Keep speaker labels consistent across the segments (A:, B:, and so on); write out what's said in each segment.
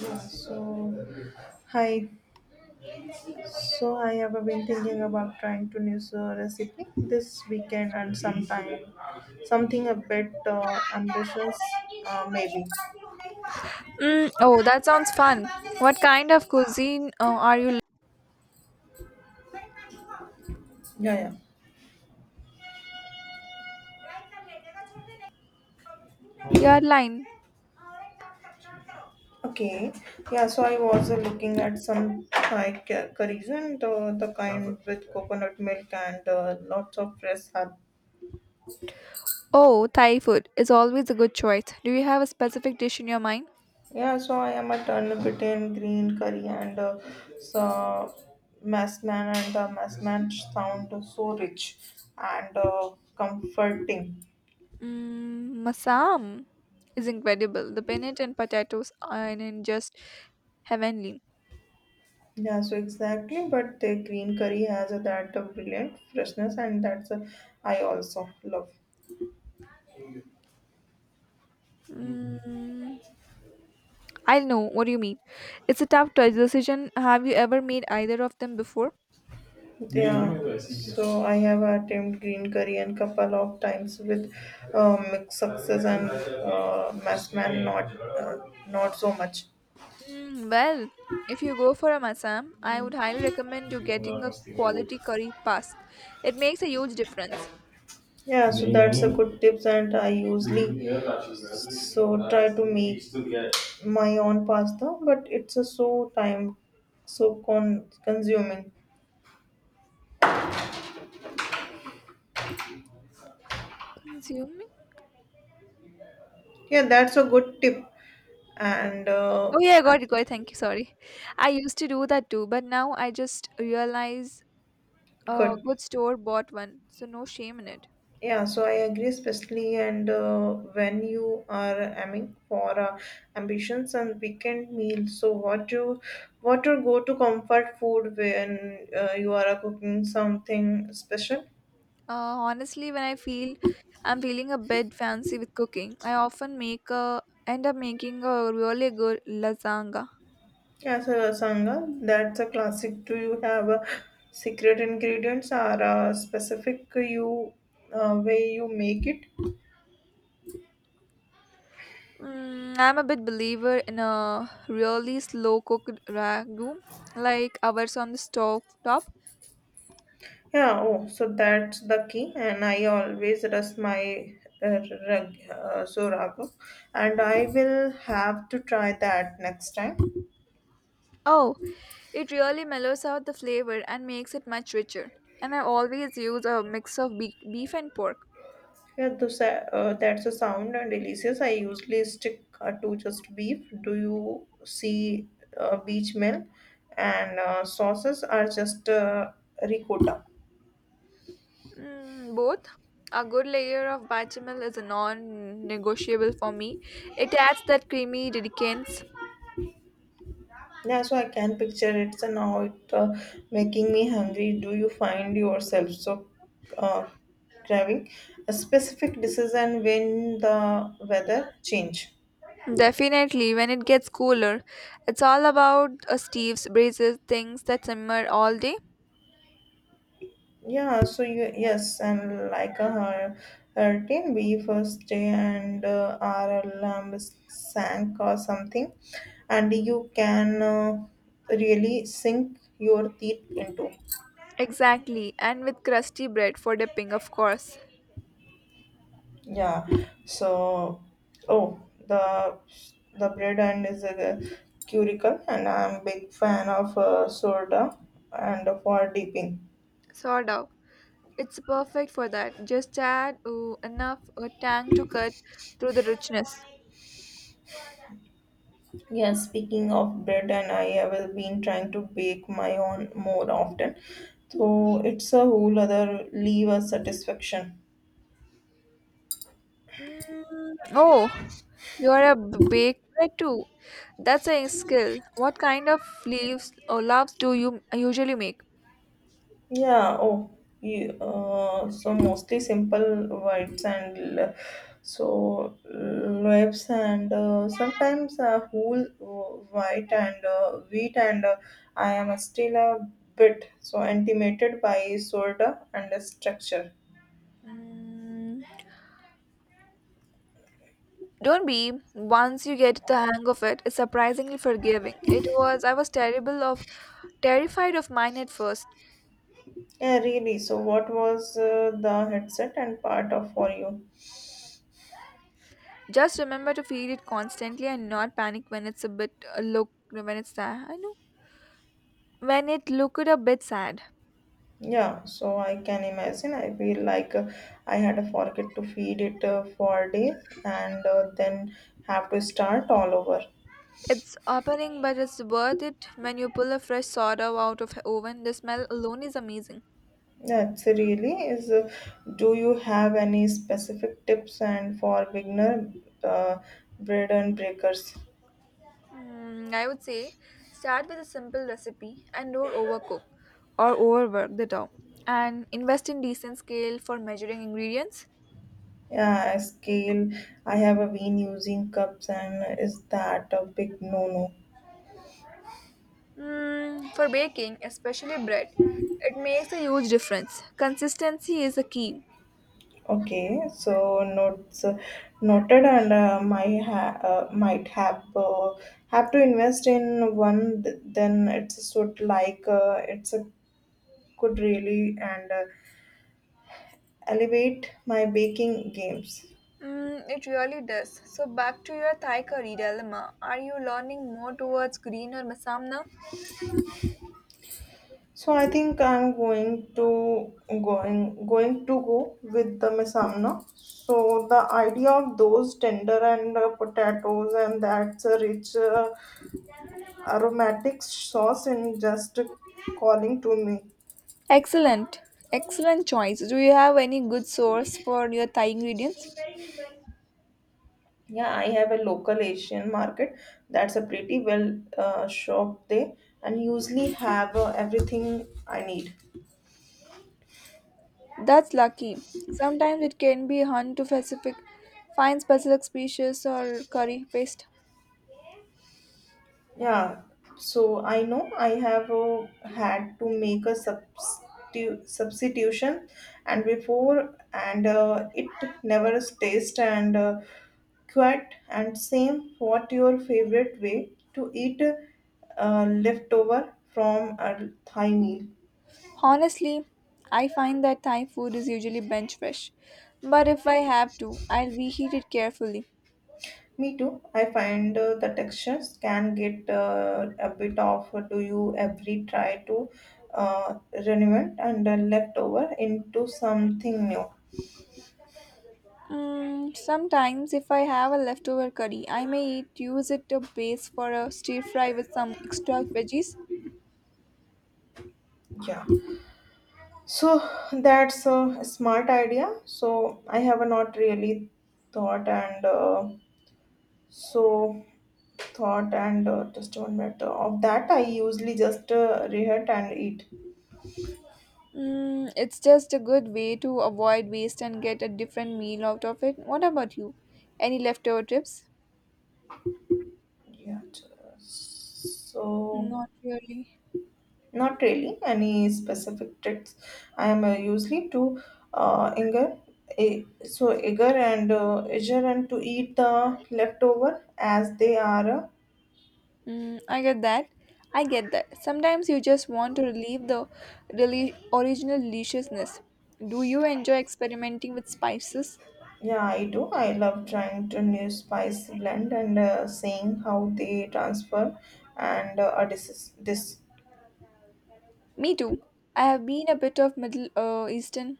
A: Yeah, so hi. So I have been thinking about trying to new recipe this weekend and sometime something a bit ambitious, maybe.
B: Mm, oh, that sounds fun. What kind of cuisine are you
A: Yeah, yeah.
B: Your line?
A: Okay. Yeah, so I was looking at some Thai curries and the kind with coconut milk and lots of fresh herb.
B: Oh, Thai food is always a good choice. Do you have a specific dish in your mind?
A: Yeah, so I am a turn between green curry and so maslan, and the maslan sound so rich and comforting.
B: Mm, masam is incredible. The peanut and potatoes are in just heavenly.
A: Yeah, so exactly, but the green curry has that brilliant freshness, and that's I also love.
B: Mm, I know what you mean. It's a tough choice decision. Have you ever made either of them before?
A: Yeah, so I have attempted green curry and couple of times with mixed success and maslan not so much.
B: Mm, well, if you go for a masam, I would highly recommend you getting a quality curry paste. It makes a huge difference.
A: Yeah, so that's a good tips, and I usually so try to make my own pasta, but it's a so time so consuming.
B: Consuming?
A: Yeah, that's a good tip, and
B: Oh yeah, I got it, got it. Thank you. Sorry. I used to do that too, but now I just realize a
A: good.
B: good store bought one, so no shame in it.
A: Yeah, so I agree, especially and when you are aiming for ambitions and weekend meals. So what your go to comfort food when you are cooking something special?
B: Honestly, when I feel I'm feeling a bit fancy with cooking, I often make a end up making a really good lasagna.
A: As a sangha, that's a classic. Do you have a secret ingredients or a specific you way you make it?
B: Mm, I'm a bit believer in a really slow cooked ragu, like ours on the stove top.
A: Yeah. Oh, so that's the key. And I always rest my uh, ragu, and I will have to try that next time.
B: Oh, it really mellows out the flavor and makes it much richer. And I always use a mix of beef and pork.
A: That's a sound and delicious. I usually stick to just beef. Do you see beach meal? And sauces are just ricotta.
B: Mm, both. A good layer of bechamel is a non-negotiable for me. It adds that creamy decadence.
A: Yeah, so I can picture it. And now it making me hungry. Do you find yourself uh, craving a specific decision when the weather change?
B: Definitely, when it gets cooler, it's all about a Steve's braises, things that simmer all day.
A: Yeah, so you yes, and like a hurricane, we first day and our alarm sank or something, and you can really sink your teeth into.
B: Exactly, and with crusty bread for dipping, of course.
A: Yeah. So, oh, the bread and is a curicle, and I'm big fan of soda and for dipping.
B: Sourdough. It's perfect for that. Just add ooh, enough a tang to cut through the richness.
A: Yeah. Speaking of bread, and I have been trying to bake my own more often, so it's a whole other level of satisfaction.
B: Mm, oh, you're a baker too. That's a skill. What kind of leaves or loaves do you usually make?
A: Yeah, oh, mostly simple whites and loaves and sometimes whole white and wheat and I am still a bit so intimated by soda and the structure.
B: Mm, don't be. Once you get the hang of it, it's surprisingly forgiving. It was I was terrible of terrified of mine at first.
A: Yeah, really. So what was the headset and part of for you?
B: Just remember to feed it constantly and not panic when it's a bit look when it's sad. I know when it looked a bit sad.
A: Yeah, so I can imagine. I feel like I had to forget to feed it for days and then have to start all over.
B: It's opening, but it's worth it when you pull a fresh sourdough out of oven. The smell alone is amazing.
A: That's really is. Do you have any specific tips and for beginner uh, bread and breakers?
B: Mm, I would say start with a simple recipe and don't overcook or overwork the dough. And invest in decent scale for measuring ingredients.
A: Yeah, scale. I have been using cups, and is that a big no-no?
B: Mm, for baking, especially bread, it makes a huge difference. Consistency is a key.
A: Okay, so notes noted, and my might have to invest in one. Then it's sort like it's a good really and elevate my baking games.
B: Mm, it really does. So back to your Thai curry dilemma. Are you learning more towards green or masam now?
A: So I think I'm going to going going to go with the mesamna. So the idea of those tender and potatoes and that a rich aromatic sauce in just calling to me.
B: Excellent. Excellent choice. Do you have any good source for your Thai ingredients?
A: Yeah, I have a local Asian market that's a pretty well shop there and usually have everything I need.
B: That's lucky. Sometimes it can be hard to find specific species or curry paste.
A: Yeah, so I know I have had to make a substitution and before and it never tastes and quite and same what your favorite way to eat leftover from a Thai meal.
B: Honestly, I find that Thai food is usually bench fresh, but if I have to, I'll reheat it carefully.
A: Me too. I find the textures can get a bit of do you every try to uh, renovate and leftover into something new.
B: Mm, sometimes, if I have a leftover curry, use it to base for a stir fry with some extra veggies.
A: Yeah. So that's a smart idea. So I have not really thought and uh, so thought and just one minute of that. I usually just reheat and eat.
B: Mm, it's just a good way to avoid waste and get a different meal out of it. What about you? Any leftover tips?
A: Yeah. So.
B: Not really.
A: Not really any specific tricks. I am usually too eager, eh, so eager and to eat the leftover as they are.
B: Mm, I get that. I get that. Sometimes you just want to relieve the really original deliciousness. Do you enjoy experimenting with spices?
A: Yeah, I do. I love trying to new spice blend and seeing how they transfer and a this.
B: Me too. I have been a bit of Middle Eastern.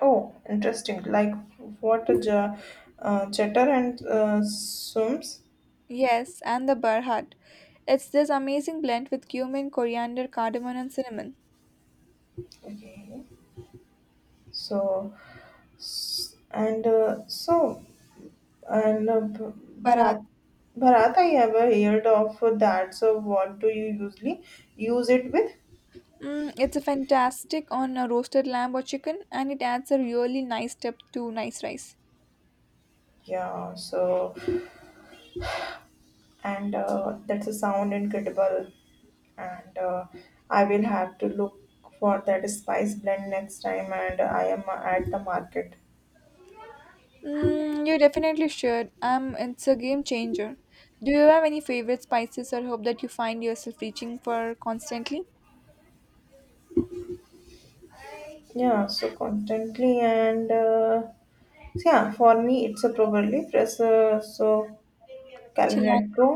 A: Oh, interesting. Like what a ja, cheddar and sums.
B: Yes, and the Barhat. It's this amazing blend with cumin, coriander, cardamom, and cinnamon.
A: Okay, so s- and uh, so And uh, B-
B: Barat.
A: Bharat, Bharat, I ever heard of that. So, what do you usually use it with?
B: Mm, it's a fantastic on a roasted lamb or chicken, and it adds a really nice step to nice rice.
A: Yeah, so, and that's a sound incredible. And I will have to look for that spice blend next time. And I am at the market.
B: Mm, you definitely should. It's a game changer. Do you have any favorite spices or herb that you find yourself reaching for constantly?
A: Yeah, so constantly and so yeah, for me it's a probably fresh.
B: Chilan-
A: Calretro,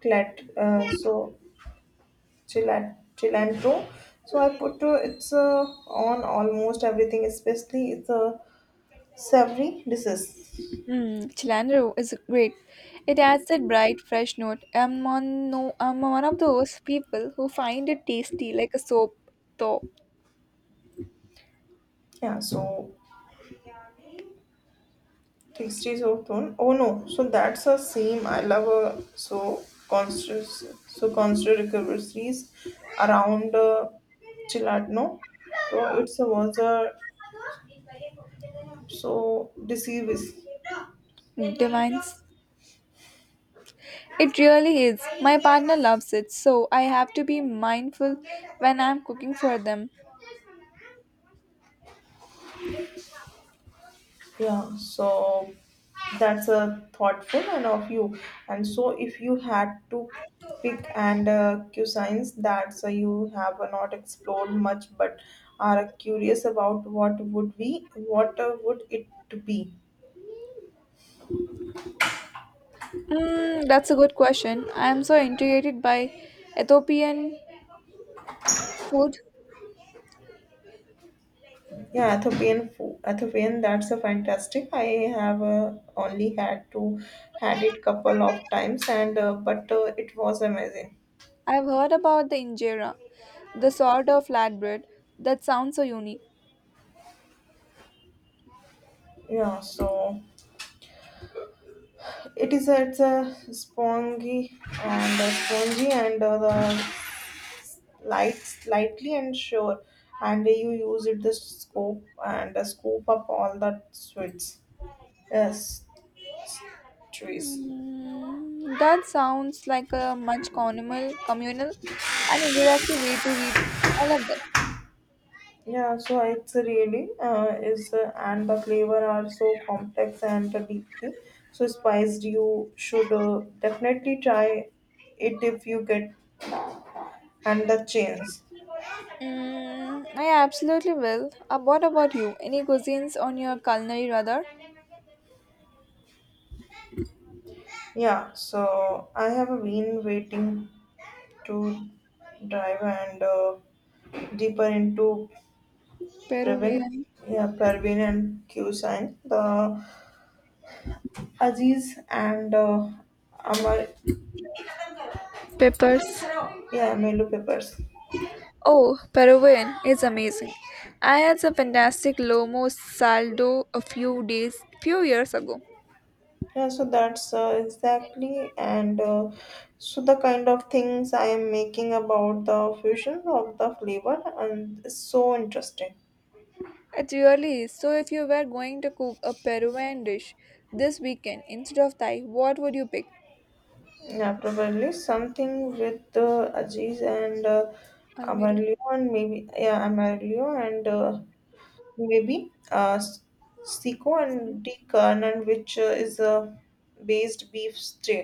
A: clat so cilantro. So I put it's on almost everything, especially it's a savory dishes.
B: mm, cilantro is great. It adds that bright, fresh note. I'm one. No, I'm one of those people who find it tasty like a soap, though.
A: Yeah, so tasty so tone. Oh no, so that's a same. I love constant recoveries around Chilatno. So it's a was a so deceives.
B: Mm, Divines. It really is. My partner loves it, so I have to be mindful when I'm cooking for them.
A: Yeah, so that's a thoughtful and of you. And so, if you had to pick and cuisines that so you have not explored much, but are curious about, what would be, what would it be?
B: Mm, that's a good question. I am so intrigued by Ethiopian food.
A: Yeah, Ethiopian food. Ethiopian, that's a fantastic. I have only had to had it couple of times, and but it was amazing.
B: I've heard about the injera, the sort of flatbread that sounds so unique.
A: Yeah, so. It's a spongy and the light slightly and sure and you use it the scoop up all the sweets. Yes, s- trees.
B: Mm, that sounds like a much communal and interactive way to eat. I love that.
A: Yeah, so it's really is and the flavor are so complex and deeply so spiced. You should definitely try it if you get and the chance.
B: Mm, I absolutely will. What about you? Any cuisines on your culinary radar?
A: Yeah, so I have been waiting to dive and deeper into Pravin,
B: Peruvian
A: yeah, Parvin and Q-Sign, the Aziz and Amar,
B: peppers.
A: yeah, Melu papers.
B: Oh, Peruvian is amazing. I had some fantastic lomo saldo few years ago.
A: Yeah, so that's exactly and so the kind of things I am making about the fusion of the flavor and it's so interesting.
B: It really is. So, if you were going to cook a Peruvian dish this weekend instead of Thai, what would you pick?
A: Yeah, probably something with Aziz and
B: Almiro.
A: Amarlio and maybe seco and de Carnan, which is a based beef stew.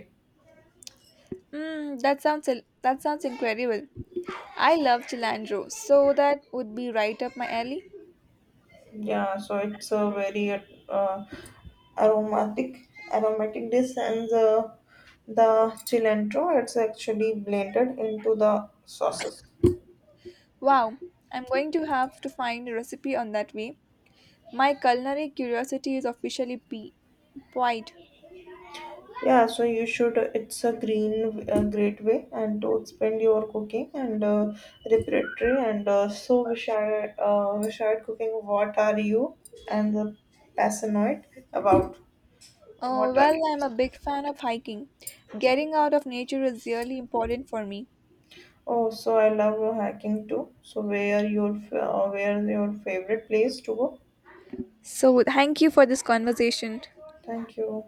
B: Mm, that sounds incredible. I love cilantro, so that would be right up my alley.
A: Yeah, so it's a very uh, aromatic dish, and the cilantro it's actually blended into the sauces.
B: Wow, I'm going to have to find a recipe on that way. My culinary curiosity is officially piqued.
A: Yeah, so you should. It's a great way, and to expand your cooking and repertory. Vishal cooking. What are you and the passionate about? What are
B: Well,
A: you
B: I'm a big
A: passionate
B: fan
A: about?
B: of hiking. Getting out of nature is really important for me.
A: Oh, so I love hiking too. So, where your favorite place to go?
B: So, thank you for this conversation.
A: Thank you.